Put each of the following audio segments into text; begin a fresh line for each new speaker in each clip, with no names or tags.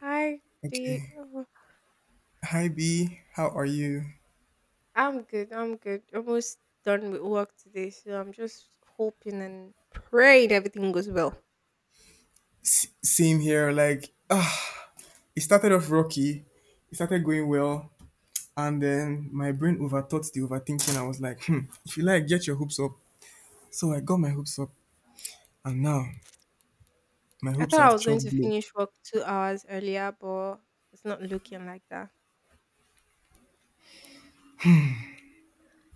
Hi, do
Okay.
oh,
Hi B, how are you?
I'm good. I'm good. Almost done with work today, so I'm just hoping and praying everything goes well.
Same here. It started off rocky. It started going well, and then my brain overthought the overthinking. I was like, hmm, if you like, get your hopes up. So I got my hopes up, and now my
I
hopes
thought I
have
was going
chopped
to
blow.
finish work 2 hours earlier, but it's not looking like that.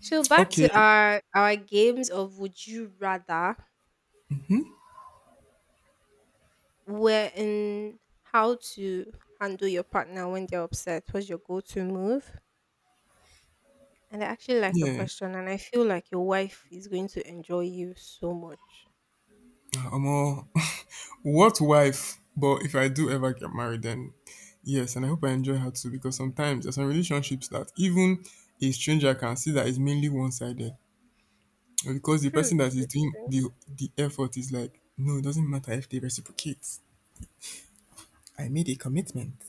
So back to
Okay,
our games of would you rather, where in how to handle your partner when they're upset. What's your go-to move? And I actually like your
yeah,
question, and I feel like your wife is going to enjoy you so much.
I'm all, what wife? But if I do ever get married, then yes, and I hope I enjoy her too, because sometimes there's some relationships that even a stranger can see that is mainly one sided. Because the
True,
person that is
true,
doing
true.
the effort is like, no, it doesn't matter if they reciprocate. I made a commitment.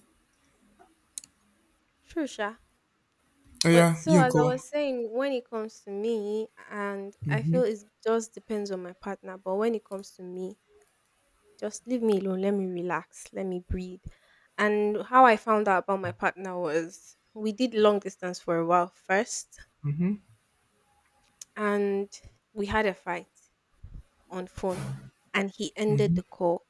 True, sha.
Oh
But
yeah,
so
you
as I
call.
was saying, when it comes to me, and I
hmm
feel it just depends on my partner. But when it comes to me, just leave me alone. Let me relax. Let me breathe. And how I found out about my partner was we did long distance for a while first, and we had a fight on phone, and he ended the call.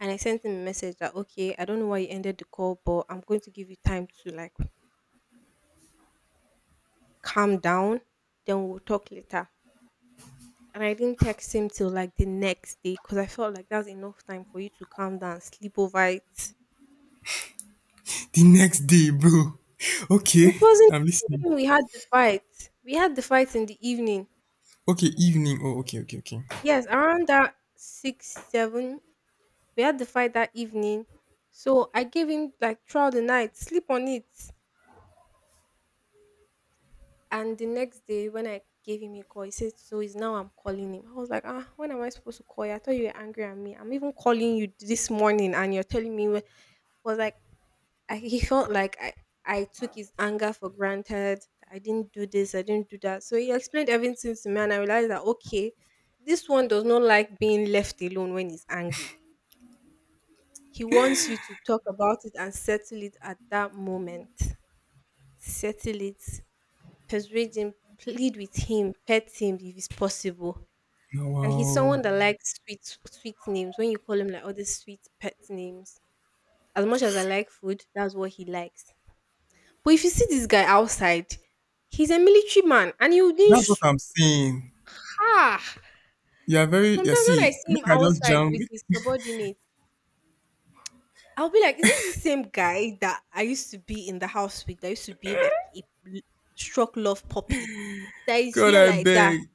And I sent him a message that okay, I don't know why you ended the call, but I'm going to give you time to like calm down. Then we'll talk later, and I didn't text him till like the next day because I felt like that's enough time for you to calm down, sleep over it.
The next day, bro.
It
Okay,
wasn't
I'm listening.
even we had the fight. We had the fight in the evening.
Okay, evening. Oh, okay, okay, okay.
Yes, around that six, seven, we had the fight that evening. So I gave him like throughout the night, sleep on it. And the next day when I gave him a call, he said, "So it's now I'm calling him." I was like, "Ah, when am I supposed to call you? I thought you were angry at me. I'm even calling you this morning and you're telling me wh-" was like, he felt like I took his anger for granted. I didn't do this, I didn't do that. So he explained everything to me, and I realized that, okay, this one does not like being left alone when he's angry. He wants you to talk about it and settle it at that moment. Settle it, persuade him, plead with him, pet him if it's possible.
No,
And he's
wow,
someone that likes sweet, sweet names. When you call him like all these sweet pet names, as much as I like food, that's what he likes. But if you see this guy outside, he's a military man and he wouldn't
that's what
sh-
I'm saying.
ah
You are very. You
sometimes when I
see,
see him
make I just
outside
jam.
with
Make—
his subordinates, I'll be like, is it the same guy that I used to be in the house with that used to behave like a l- struck love puppy? That is
God,
here
I
like that.
beg.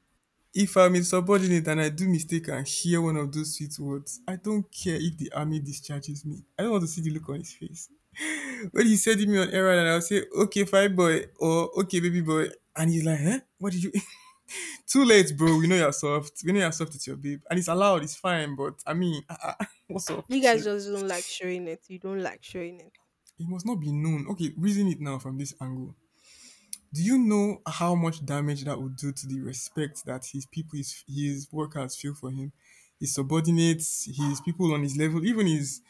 If I'm a subordinate and I do mistake and hear one of those sweet words, I don't care if the army discharges me. I don't want to see the look on his face when he said me on errand and I'll say, okay, fine boy, or okay, baby boy. And he's like, huh? What did you? Too late, bro. We know you're soft. We know you're soft. It's your babe. And it's allowed. It's fine. But I mean, ah, ah, what's up
You
with
guys
you?
just don't like showing it. You don't like showing it.
It must not be known. Okay, reason it now from this angle. Do you know how much damage that would do to the respect that his people, his workers feel for him? His subordinates, his people on his level, even his,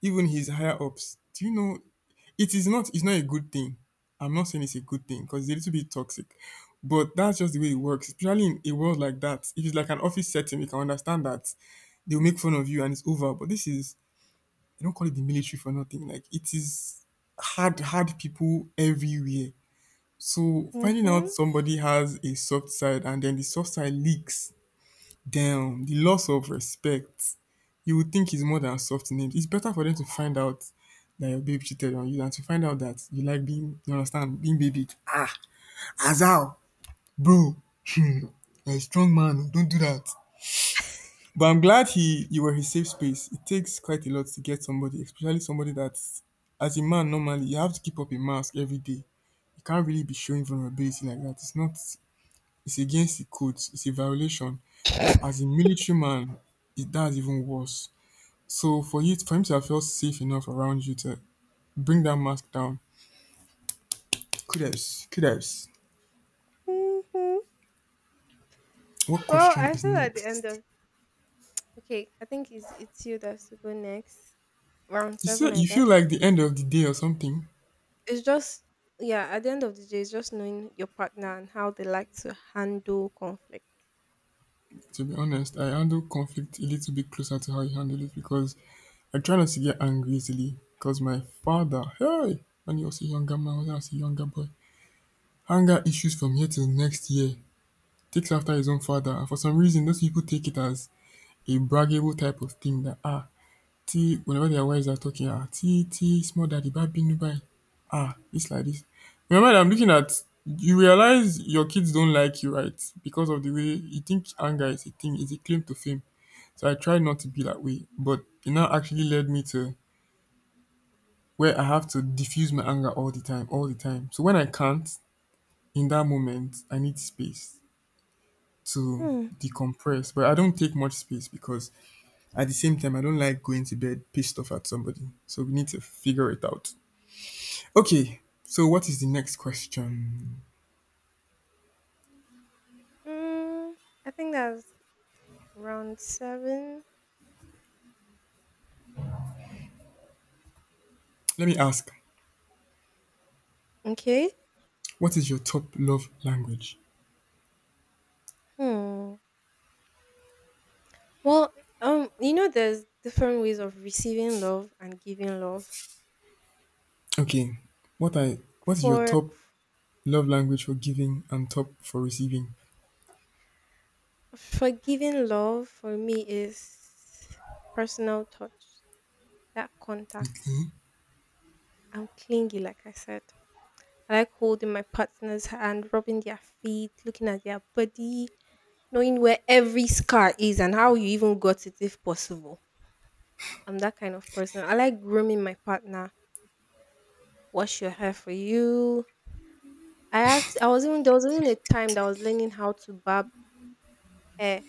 even his higher ups. Do you know? It is not. It's not a good thing. I'm not saying it's a good thing because it's a little bit toxic, but that's just the way it works. Especially in a world like that, if it's like an office setting, we can understand that they'll make fun of you and it's over. But this is, they don't call it the military for nothing. Like it is hard, hard people everywhere. So finding out
hmm
somebody has a soft side and then the soft side leaks. Damn, the loss of respect. You would think it's more than soft names. It's better for them to find out that your babe cheated on you than to find out that you like being, you understand, being babied. Ah, Azal, bro, you're a strong man. Oh, don't do that. But I'm glad he you were his safe space. It takes quite a lot to get somebody, especially somebody that, as a man normally, you have to keep up a mask every day. You can't really be showing vulnerability like that. It's not. It's against the code. It's a violation. But as a military man, it does even worse. So for you for him to have felt safe enough around you to bring that mask down, kudos, kudos.
hmm
What
Well,
question
I
is
feel at the end
next?
of okay, I think it's you that's to go next. Round
You see,
seven, I
you feel
guess.
like the end of the day or something.
It's just yeah at the end of the day it's just knowing your partner and how they like to handle conflict.
To be honest, I handle conflict a little bit closer to how you handle it because I try not to get angry easily. Because my father, hey, when he was a younger man, when I was a younger boy, anger issues from here till next year. Takes after his own father, and for some reason, those people take it as a braggable type of thing that ah, tí whenever their wives are talking, ah, tí, tí small daddy bá bínú báyìí, ah, it's like this. In your mind, I'm looking at, you realize your kids don't like you, right? Because of the way you think anger is a thing, is a claim to fame. So I try not to be that way. But it now actually led me to where I have to diffuse my anger all the time, all the time. So when I can't, in that moment, I need space to
hmm.
decompress. But I don't take much space because at the same time, I don't like going to bed pissed off at somebody. So we need to figure it out. Okay, so what is the next question?
mm, I think that's round seven,
Let me ask,
okay.
what is your top love language?
hmm. Well, you know there's different ways of receiving love and giving love.
Okay, what I, what is your
for
top love language for giving and top for receiving?
for giving love for me is personal touch, that contact.
Mhm.
I'm clingy like I said, I like holding my partner's hand, rubbing their feet, looking at their body, knowing where every scar is and how you even got it if possible. I'm that kind of person. I like grooming my partner, wash your hair for you. I was even there was even a time that I was learning how to barb hair,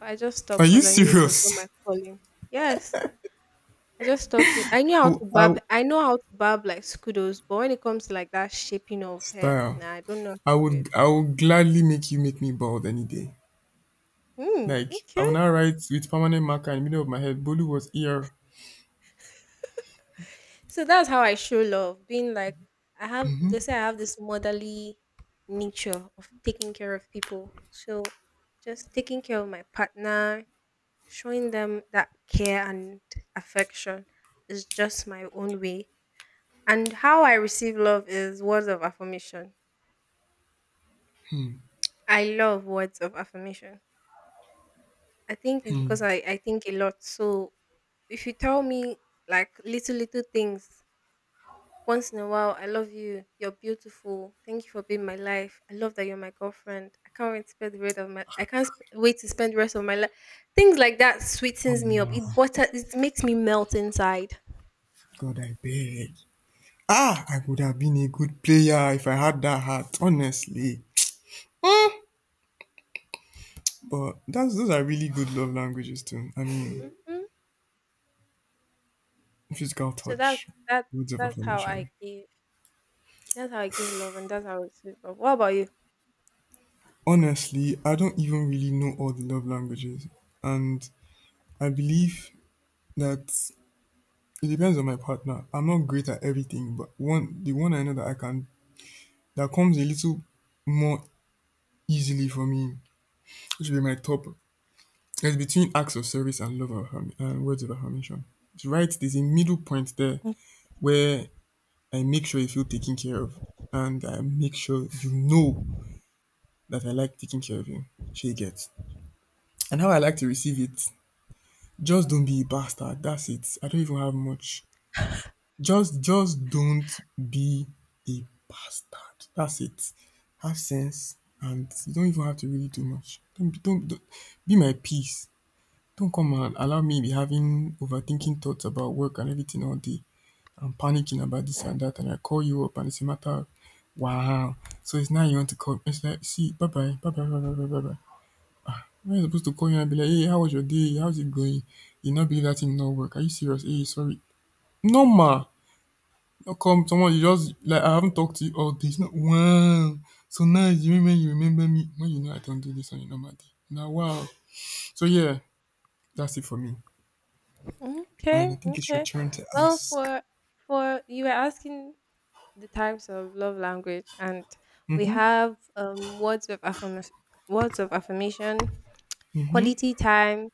but I just
Are
stopped
you
because I knew it was not my
serious?
calling. Yes. I just stopped it.
Oh, I,
I know how to barb like scudos, but when it comes to like that shaping of hair,
style.
nah, I don't know how to do it.
I would gladly make you make me bald any day.
Hmm,
Like I will
okay.
now write with permanent marker in the middle of my head. Bolu was here.
So that's how I show love, being like I have they say I have this motherly nature of taking care of people. So just taking care of my partner, showing them that care and affection is just my own way. And how I receive love is words of affirmation. I love words of affirmation. I think it's because I think a lot. So if you tell me like little little things once in a while, I love you. You're beautiful. Thank you for being my life. I love that you're my girlfriend. I can't wait to spend the rest of my. I can't sp- wait to spend the rest of my life. Things like that
Oh
sweetens me up.
my
It butter. It makes me melt inside.
God, I beg. Ah, I would have been a good player if I had that heart. Honestly, but that's, those are really good love languages too. I mean,
hmm
physical
So that's
touch,
that.
words of
That's how I
affirmation.
give. That's how I give love, and that's how I receive love. What about you?
Honestly, I don't even really know all the love languages, and I believe that it depends on my partner. I'm not great at everything, but one the one I know that I can, that comes a little more easily for me, which will be my top. It's between acts of service and words of affirmation. It's right. There's a middle point there where I make sure you feel taken care of, and I make sure you know that I like taking care of you. She gets. And how I like to receive it, just don't be a bastard. That's it. I don't even have much. Just don't be a bastard. That's it. Have sense, and you don't even have to really do much. Don't be my peace. Don't come and allow me be having overthinking thoughts about work and everything all day. I'm panicking about this and that, and I call you up, and it's a matter of wow. So it's now you want to call. It's like, see, bye bye, bye bye, bye bye, bye bye, bye. Am I supposed to call you and be like, hey, how was your day? How's it going? You not believe that thing not work? Are you serious? Hey, sorry. No ma. Now come, someone you just like I haven't talked to you all day. It's not wow. So now you remember, you remember me when you know I don't do this on your normal day. Now wow. So yeah, that's it for me.
Mm-hmm.
And I
Okay,
think it's your
okay.
turn to
Well,
ask.
for you were asking the types of love language, and we have words of affirmation, words of affirmation, quality time,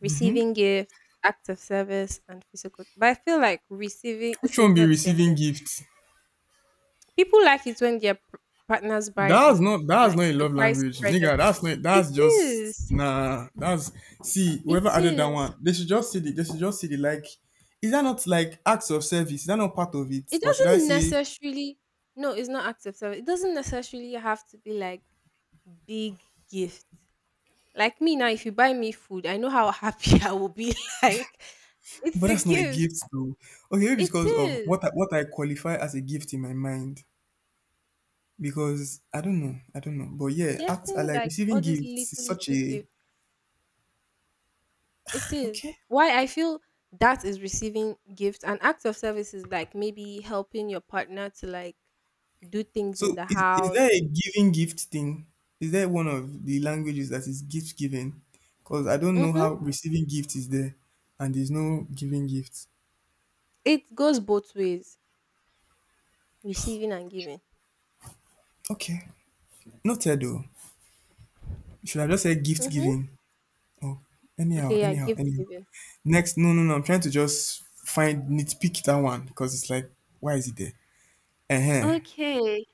receiving gifts, acts of service, and physical. But I feel like receiving
Which
okay
one
it's
be
not the same
receiving
thing.
gifts?
People like it when their p- partners buy on eh,
That's
like
not a love
surprise
language,
present.
nigga. That's not
It
That's just
is.
nah. That's, see whoever
It
added that one.
is.
They should just see the, they should just see the like. Is that not like acts of service? Is that not part of it,
It
or should I
doesn't
say?
necessarily no, it's not acts of service. It doesn't necessarily have to be like big gift. Like me now, if you buy me food, I know how happy I will be. Like it's
But
a
that's not a
gift.
gift, though. Okay, maybe it's
It
because of
is
what I qualify as a gift in my mind. Because I don't know, I don't know. But yeah, act I
getting
like
like
receiving
all these
gifts is
little
such
little
a,
gift. It is
okay.
why I feel that is receiving gifts, and acts of service is like maybe helping your partner to like do things
So
in the
is
house.
there a giving gift thing? Is there one of the languages that is gift giving? Because I don't know
Mm-hmm.
how receiving gift is there and there's no giving gift.
It goes both ways, receiving and giving.
Okay. Noted though. Should I just say gift
Mm-hmm.
giving? Oh, anyhow,
Okay, yeah,
anyhow,
gift
anyhow.
giving.
Next, no, no, no. I'm trying to just find, nitpick that one because it's like, why is it there? Uh-huh.
Okay,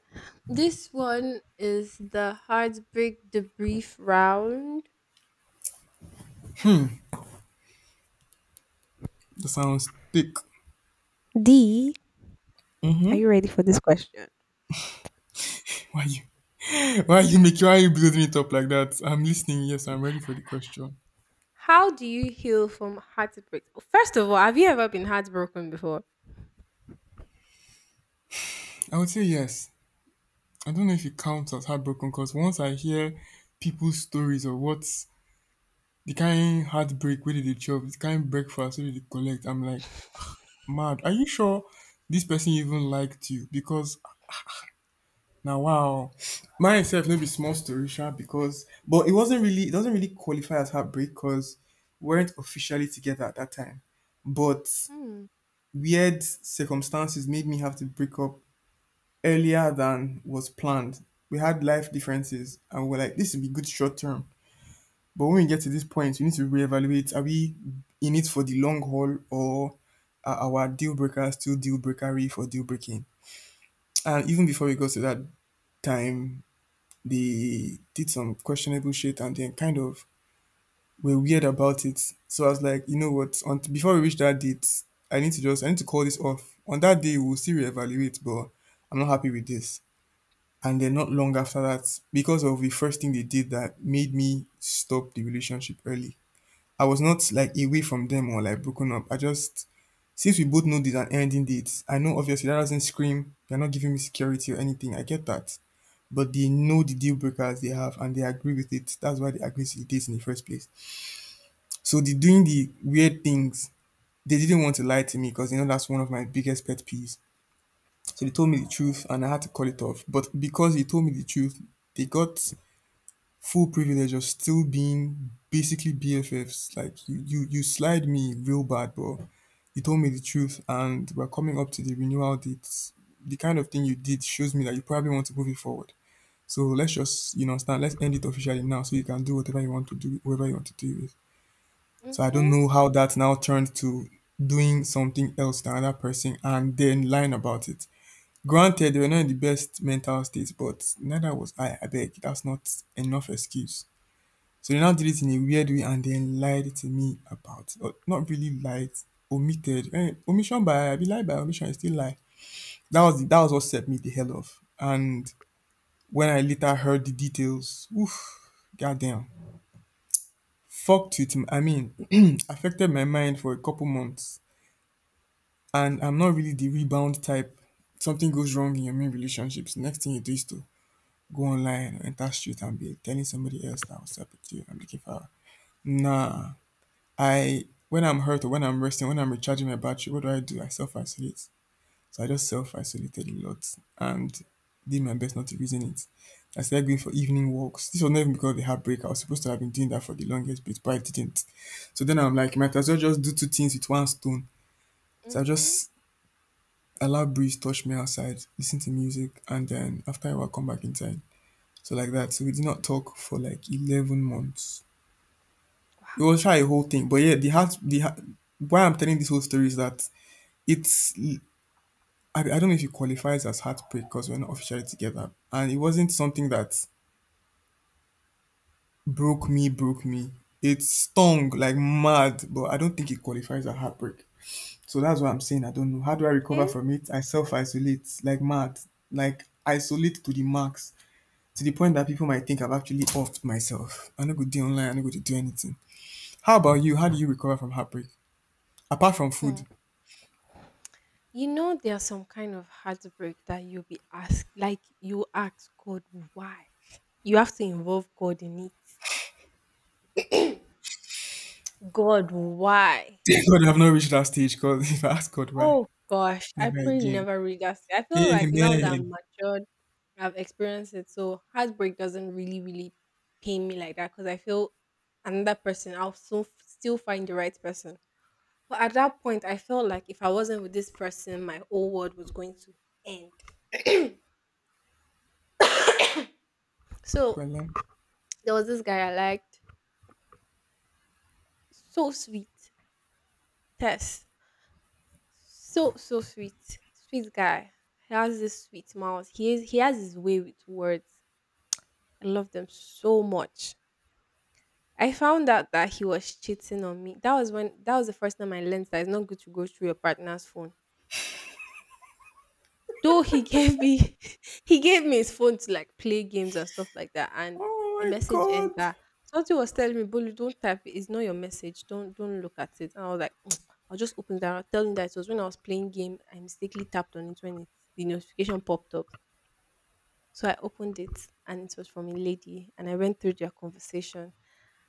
this one is the heartbreak debrief round.
That sounds thick.
D, are you ready for this question?
Why you, why you make, why you building it up like that? I'm listening. Yes, I'm ready for the question.
How do you heal from heartbreak? First of all, have you ever been heartbroken before?
I would say yes. I don't know if it counts as heartbroken because once I hear people's stories of what's the kind heartbreak where did they dey chop, the kind breakfast where did they dey collect, I'm like, mad. Are you sure this person even liked you? Because now wow, myself, itself no be small story, sha, because but it wasn't really it doesn't really qualify as heartbreak because we weren't officially together at that time. But
Hmm.
weird circumstances made me have to break up earlier than was planned. We had life differences and we are like, this will be good short term. But when we get to this point, we need to reevaluate, are we in it for the long haul, or are our deal breakers still deal breakery for deal breaking? And even before we got to that time, they did some questionable shit and then kind of were weird about it. So I was like, you know what? Before we reach that date, I need to call this off. On that day, we'll still reevaluate, but I'm not happy with this. And then not long after that, because of the first thing they did that made me stop the relationship early. I was not like away from them or like broken up. I just, since we both know there's an ending date, I know obviously that doesn't scream they're not giving me security or anything. I get that. But they know the deal breakers they have and they agree with it. That's why they agreed to the date in the first place. So the doing the weird things, they didn't want to lie to me because you know that's one of my biggest pet peeves. So they told me the truth and I had to call it off. But because they told me the truth, they got full privilege of still being basically BFFs. Like you slide me real bad, bro. You told me the truth, and we're coming up to the renewal dates. The kind of thing you did shows me that you probably want to move it forward. So let's just, start. Let's end it officially now, so you can do whatever you want to do, whoever you want to do with. So I don't
Mm-hmm.
know how that now turned to doing something else to another person and then lying about it. Granted, they were not in the best mental states, but neither was I. I beg, that's not enough excuse. So they now did it in a weird way and then lied to me about or not really lied, omitted. Omission by I be lied by omission is still lie. That was what set me the hell off. And when I later heard the details, oof, goddamn, fucked with. I mean, affected my mind for a couple months. And I'm not really the rebound type. Something goes wrong in your main relationships. Next thing you do is to go online or enter street and be telling somebody else that was up with you. I'm looking for her. Nah, I when I'm hurt or when I'm resting, when I'm recharging my battery, what do? I self isolate. So I just self isolated a lot and did my best not to reason it. I started going for evening walks. This was not even because of the heartbreak. I was supposed to have been doing that for the longest bit, but I didn't. So then I'm like, might as well just do two things with one stone. So I
Mm-hmm.
just allow breeze touch me outside, listen to music, and then after I while come back inside. So like that. So we did not talk for like 11 months. It
Wow.
was try a whole thing, but yeah, the heart, why I'm telling this whole story is that It's I, I don't know if it qualifies as heartbreak because we're not officially together. And it wasn't something that broke me, broke me. It stung like mad, but I don't think it qualifies as heartbreak. So that's what I'm saying. I don't know. How do I recover
Okay.
from it? I self isolate like mad, like isolate to the max, to the point that people might think I've actually offed myself. I'm not going to do online, I'm not going to do anything. How about you? How do you recover from heartbreak? Apart from
Hmm.
food,
You know, there's some kind of heartbreak that you'll be asked, like you ask God why. You have to involve God in it. God, why?
thank God I've not reached that stage because if I ask God why,
Oh gosh, I
never
pray you
again.
never read that. I feel like now that I'm
Amen.
matured, I've experienced it, so heartbreak doesn't really, really pain me like that because I feel another person, I'll so, still find the right person. But at that point, I felt like if I wasn't with this person, my whole world was going to end. So
Brother.
there was this guy I liked. So sweet. Tess. So so sweet. Sweet guy. He has this sweet mouth. He has his way with words. I love them so much. I found out that he was cheating on me. That was the first time I learned that it's not good to go through your partner's phone, though he gave me he gave me his phone to like play games and stuff like that, and
Oh
a
my
message
God.
enter, something was telling me Bolu, don't type it, it's not your message, don't look at it. And I was like, I'll just open that. I'll tell him that it was when I was playing game I mistakenly tapped on it when it, the notification popped up. So I opened it and it was from a lady and I went through their conversation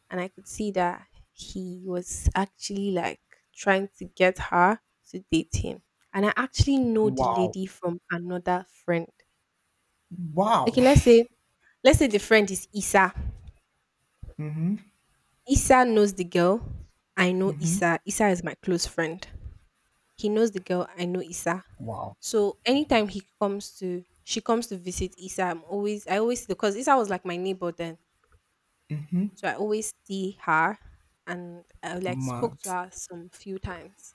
and I could see that he was actually like trying to get her to date him. And I actually know the
Wow.
lady from another friend.
Wow.
Okay, let's say let's say the friend is Isa.
Mm-hmm.
Isa knows the girl. I know
Mm-hmm.
Isa. Isa is my close friend. He knows the girl. I know Isa.
Wow.
So anytime she comes to visit Isa. I always because Isa was like my neighbor then. So I always see her and I like spoke
Mad.
to her some few times.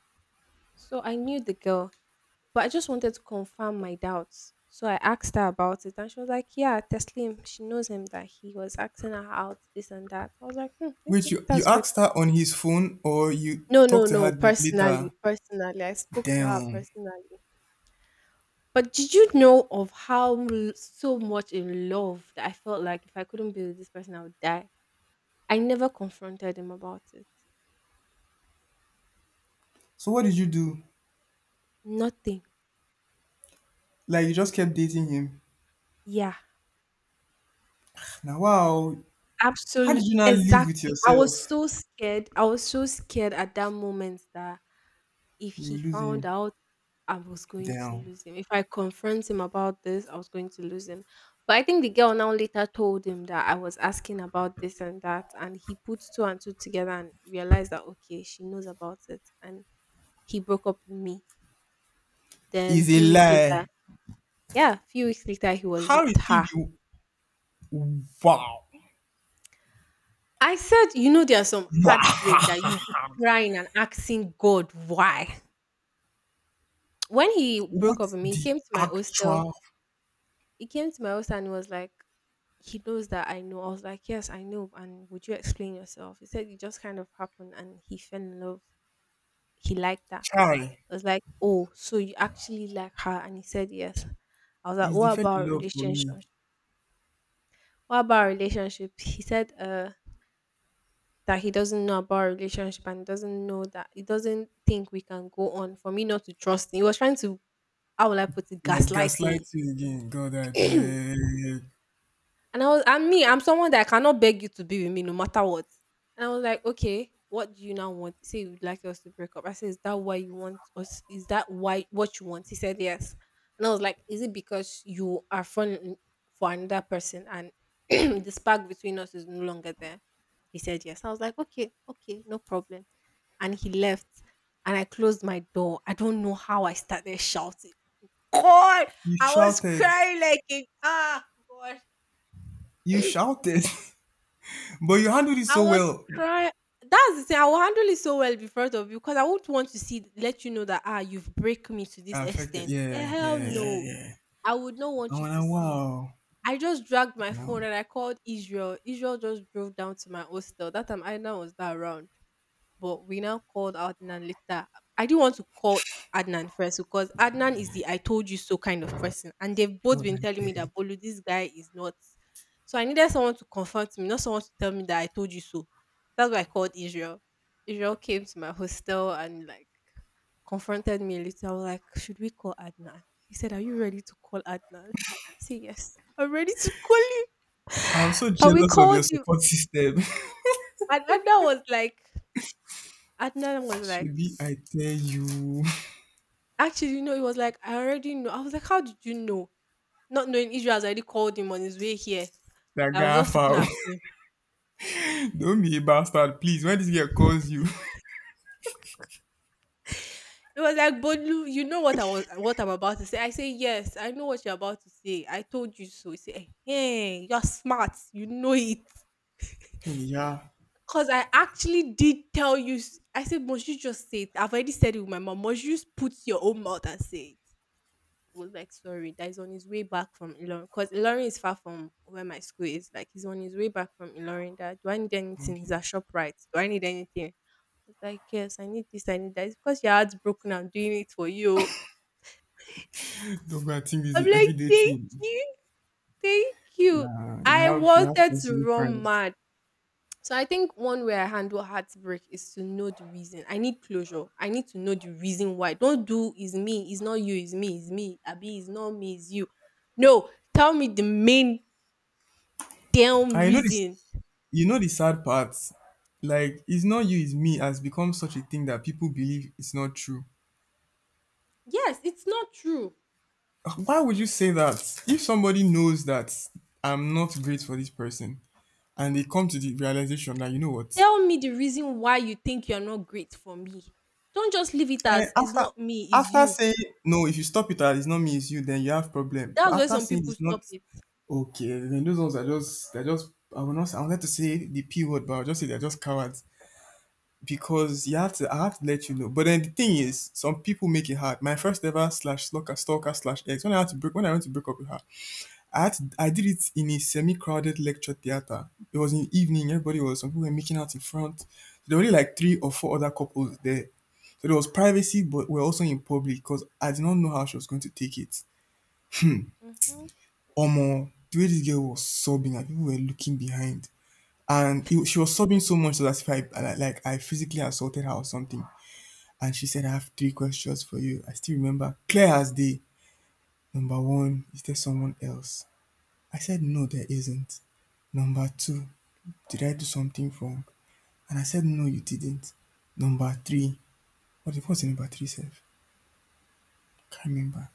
So I knew the girl, but I just wanted to confirm my doubts. So I asked her about it and she was like, "Yeah, Teslim," she knows him that he was asking her out, this and that. I was like, hmm,
Wait,
okay,
you
that's good.
asked her on his phone or you
No,
talked
no,
to
no,
her later?
personally, personally. I spoke to her
Damn.
personally. But did you know of how l- so much in love that I felt like if I couldn't be with this person, I would die? I never confronted him about it.
So what did you do?
Nothing.
Like you just kept dating him.
Yeah.
Now wow. How did
Absolutely,
you not live with
exactly. I was
yourself?
so scared. I was so scared at that moment that if
You
he
lose
found
him.
out, I was going to
Damn.
lose him. If I confront him about this, I was going to lose him. But I think the girl now later told him that I was asking about this and that, and he put two and two together and realized that okay, she knows about it, and he broke up with me. Then
Is a
few weeks later,
lie.
yeah, few weeks later, he was
How
with
is he
her.
the wow?
I said, you know, there are some heartbreak
Wow.
that you'll be crying and asking God why. When he
What
broke up with me, he
the
came to my hostel.
actual
He came to my hostel and he was like, he knows that I know. I was like, yes, I know. And would you explain yourself? He said it just kind of happened and he fell in love. He liked that.
child?
I was like, oh, so you actually like her? And he said yes. I was like,
It's the
what
fell in
about
love for me.
Relationship? He said, that he doesn't know about our relationship and doesn't know that he doesn't think we can go on for me not to trust him. He was trying to how will I put it,
Like
gaslight me.
gaslight you again. God, I beg.
And I was I am me, I'm someone that I cannot beg you to be with me no matter what. And I was like, okay, what do you now want? Say you'd like us to break up. I said, is that why you want us? Is that why what you want? He said yes. And I was like, is it because you are falling for another person and the spark between us is no longer there? He said yes. I was like, okay, okay, no problem. And he left. And I closed my door. I don't know how I started shouting. God,
You
I was
shouted.
crying like a ah God.
You shouted. but you handled it
I
so
was
well.
crying. That's the thing. I will handle it so well before of you because I would want to see let you know that ah you've break me to this
Affected.
extent. Eh,
Yeah,
hell
yeah, yeah,
no.
yeah.
I would not
I
want you to
wanna
see.
wow.
I just dragged my phone
Damn.
and I called Israel. Israel just drove down to my hostel. That time Aina was not around. But we now called Adnan later. I didn't want to call Adnan first because Adnan is the I told you so kind of person. And they've both
God,
been
I
telling me
beg.
that Bolu, this guy is not. So I needed someone to confront me, not someone to tell me that I told you so. That's why I called Israel. Israel came to my hostel and like confronted me a little. I was like, should we call Adnan? He said, are you ready to call Adnan? I said, yes. I'm ready to call you.
I'm so
And we
jealous of your
called him.
support system.
And Adnan was like,
Should I tell you
actually, you know, it was like, I already know. I was like, how did you know? Not knowing Israel has already called him on his way here.
that
I was
guy
just looking
foul.
at him.
Don't be a bastard, please. When this girl calls you,
It was like, Bolu, you know what I'm about to say. I say, yes, I know what you're about to say. I told you so. He said, hey, you're smart. You know it.
yeah.
Because I actually did tell you. I said, must you just say it? I've already said it with my mom. Must you just put your own mouth and say it? Was like, sorry, that he's on his way back from Ilorin. Because Ilorin is far from where my school is. Like, he's on his way back from Ilorin. That, do I need anything?
Okay.
He's at ShopRite. Do I need anything? I was like, yes, I need this, I need that. It's because your heart's broken. I'm doing it for you.
Don't go and think this is
I'm
an
like,
everyday
thank
thing.
you, thank you.
Nah, you
I
have you have
wanted to
Facebook
run
friends.
mad. So I think one way I handle heartbreak is to know the reason. I need closure. I need to know the reason why. Don't do is me, it's not you, it's me, it's me. Abi, it's not me, it's you. No, tell me the main damn
And
reason.
you know the sad part? Like it's not you, it's me has become such a thing that people believe it's not true.
Yes, it's not true.
Why would you say that? If somebody knows that I'm not great for this person and they come to the realization that you know what?
Tell me the reason why you think you're not great for me. Don't just leave it
Eh,
as it's
after
not me, it's you.
saying no, if you stop it at it's not me, it's you, then you have problem. But
That's where
after
some
saying
people
it's not
stop it.
okay, then those ones are just they're just I will not I wanted to say the P word, but I'll just say they're just cowards. Because you have to I have to let you know. But then the thing is, some people make it hard. My first ever slash stalker slash ex. When I went to break up with her, I did it in a semi crowded lecture theater. It was in the evening. Everybody was Some people were making out in front. So there were only like three or four other couples there. So there was privacy, but we're also in public because I did not know how she was going to take it.
Hmm.
Omo, the way this girl was sobbing and people were looking behind. She was sobbing so much so that if I physically assaulted her or something. And she said, I have three questions for you. I still remember clear as day. Number one, is there someone else? I said, no, there isn't. Number two, did I do something wrong? And I said, no, you didn't. Number three, what was the number three self? Can't remember.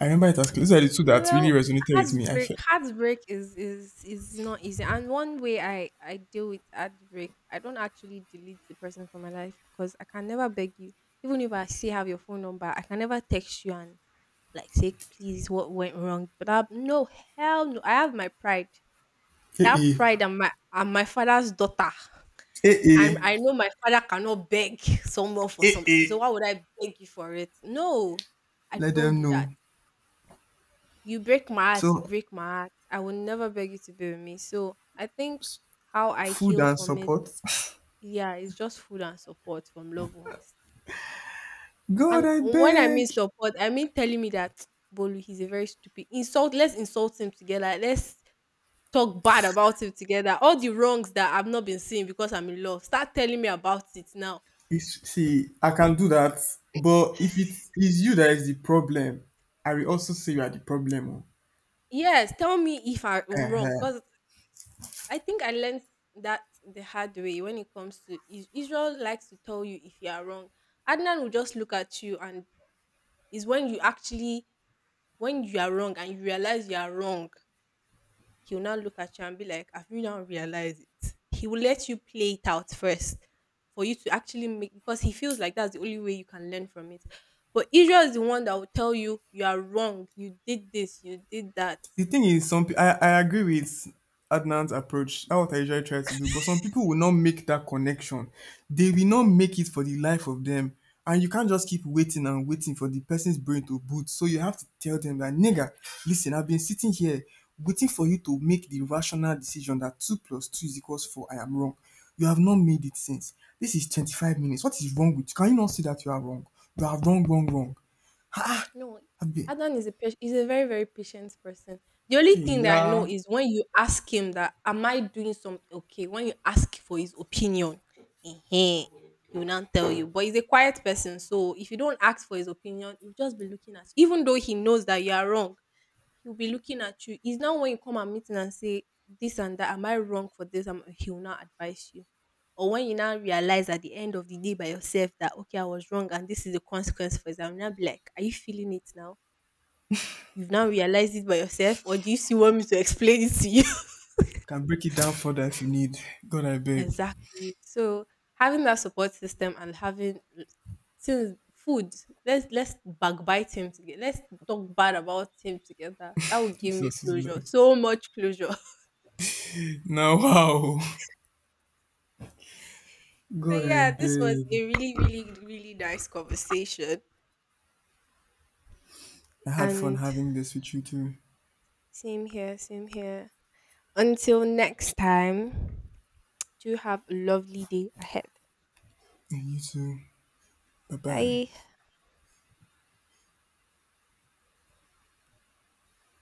I remember it as clear. Those are the two that really
Well,
resonated with me. I
heartbreak,
felt,
heartbreak is not easy. And one way I deal with heartbreak, I don't actually delete the person from my life because I can never beg you. Even if I still have your phone number, I can never text you and like say please what went wrong. But I, no, hell no, I have my pride. That
eh,
pride I'm my father's daughter,
eh, eh,
and
eh,
I know my father cannot beg someone for
eh,
something, so
eh.
why would I beg you for it? No, I
Let
don't
them
do that.
know.
You break my heart, you
So,
break my heart. I will never beg you to be with me. So I think how I
food
heal
and
from it,
support.
yeah, it's just food and support from loved ones.
God,
And
I
when I mean
beg.
support, I mean telling me that Bolu, he's a very stupid. Insult, let's insult him together. Let's talk bad about it together. All the wrongs that I've not been seeing because I'm in love, start telling me about it now.
It's, see, I can do that, but if it is you that is the problem, I will also say you are the problem.
Yes, tell me if I
Oh.
am wrong
Uh-huh.
because I think I learned that the hard way when it comes to Israel likes to tell you if you are wrong. Adnan will just look at you and it's when you are wrong and you realize you are wrong. He will now look at you and be like, have you now realized it? He will let you play it out first for you to actually make because he feels like that's the only way you can learn from it. But Israel is the one that will tell you you are wrong, you did this, you did that.
The thing is, I agree with Adnan's approach. That's what I usually try to do. But some people will not make that connection. They will not make it for the life of them. And you can't just keep waiting and waiting for the person's brain to boot. So you have to tell them that, nigga, listen, I've been sitting here waiting for you to make the rational decision that 2 plus 2 is equals 4. I am wrong. You have not made it since. This is 25 minutes. What is wrong with you? Can you not see that you are wrong? You are wrong, wrong, wrong.
No,
I've been,
Adan is a patient, he's a very, very patient person. The only thing that I know
yeah.
is when you ask him that, am I doing something okay? When you ask for his opinion, eh-heh, he will not tell you. But he's a quiet person. So if you don't ask for his opinion, he'll just be looking at you, even though he knows that you are wrong. He'll be looking at you. It's not when you come and meet him and say this and that. Am I wrong for this? He'll now advise you. Or when you now realize at the end of the day by yourself that okay, I was wrong and this is the consequence for it. I'm now be like, are you feeling it now? You've now realized it by yourself, or do you still want me to explain it to you?
Can break it down further if you need. God, I beg.
Exactly. So having that support system and having since food, let's backbite him together. Let's talk bad about him together. That would give me
Jesus is
closure.
Lord.
So much closure.
Now, wow.
So
God, I
yeah, this was
beg.
a really, really, really nice conversation.
I had fun
And
having this with you too.
same here, same here. Until next time, do have a lovely day ahead.
And you too. Bye bye.
Bye.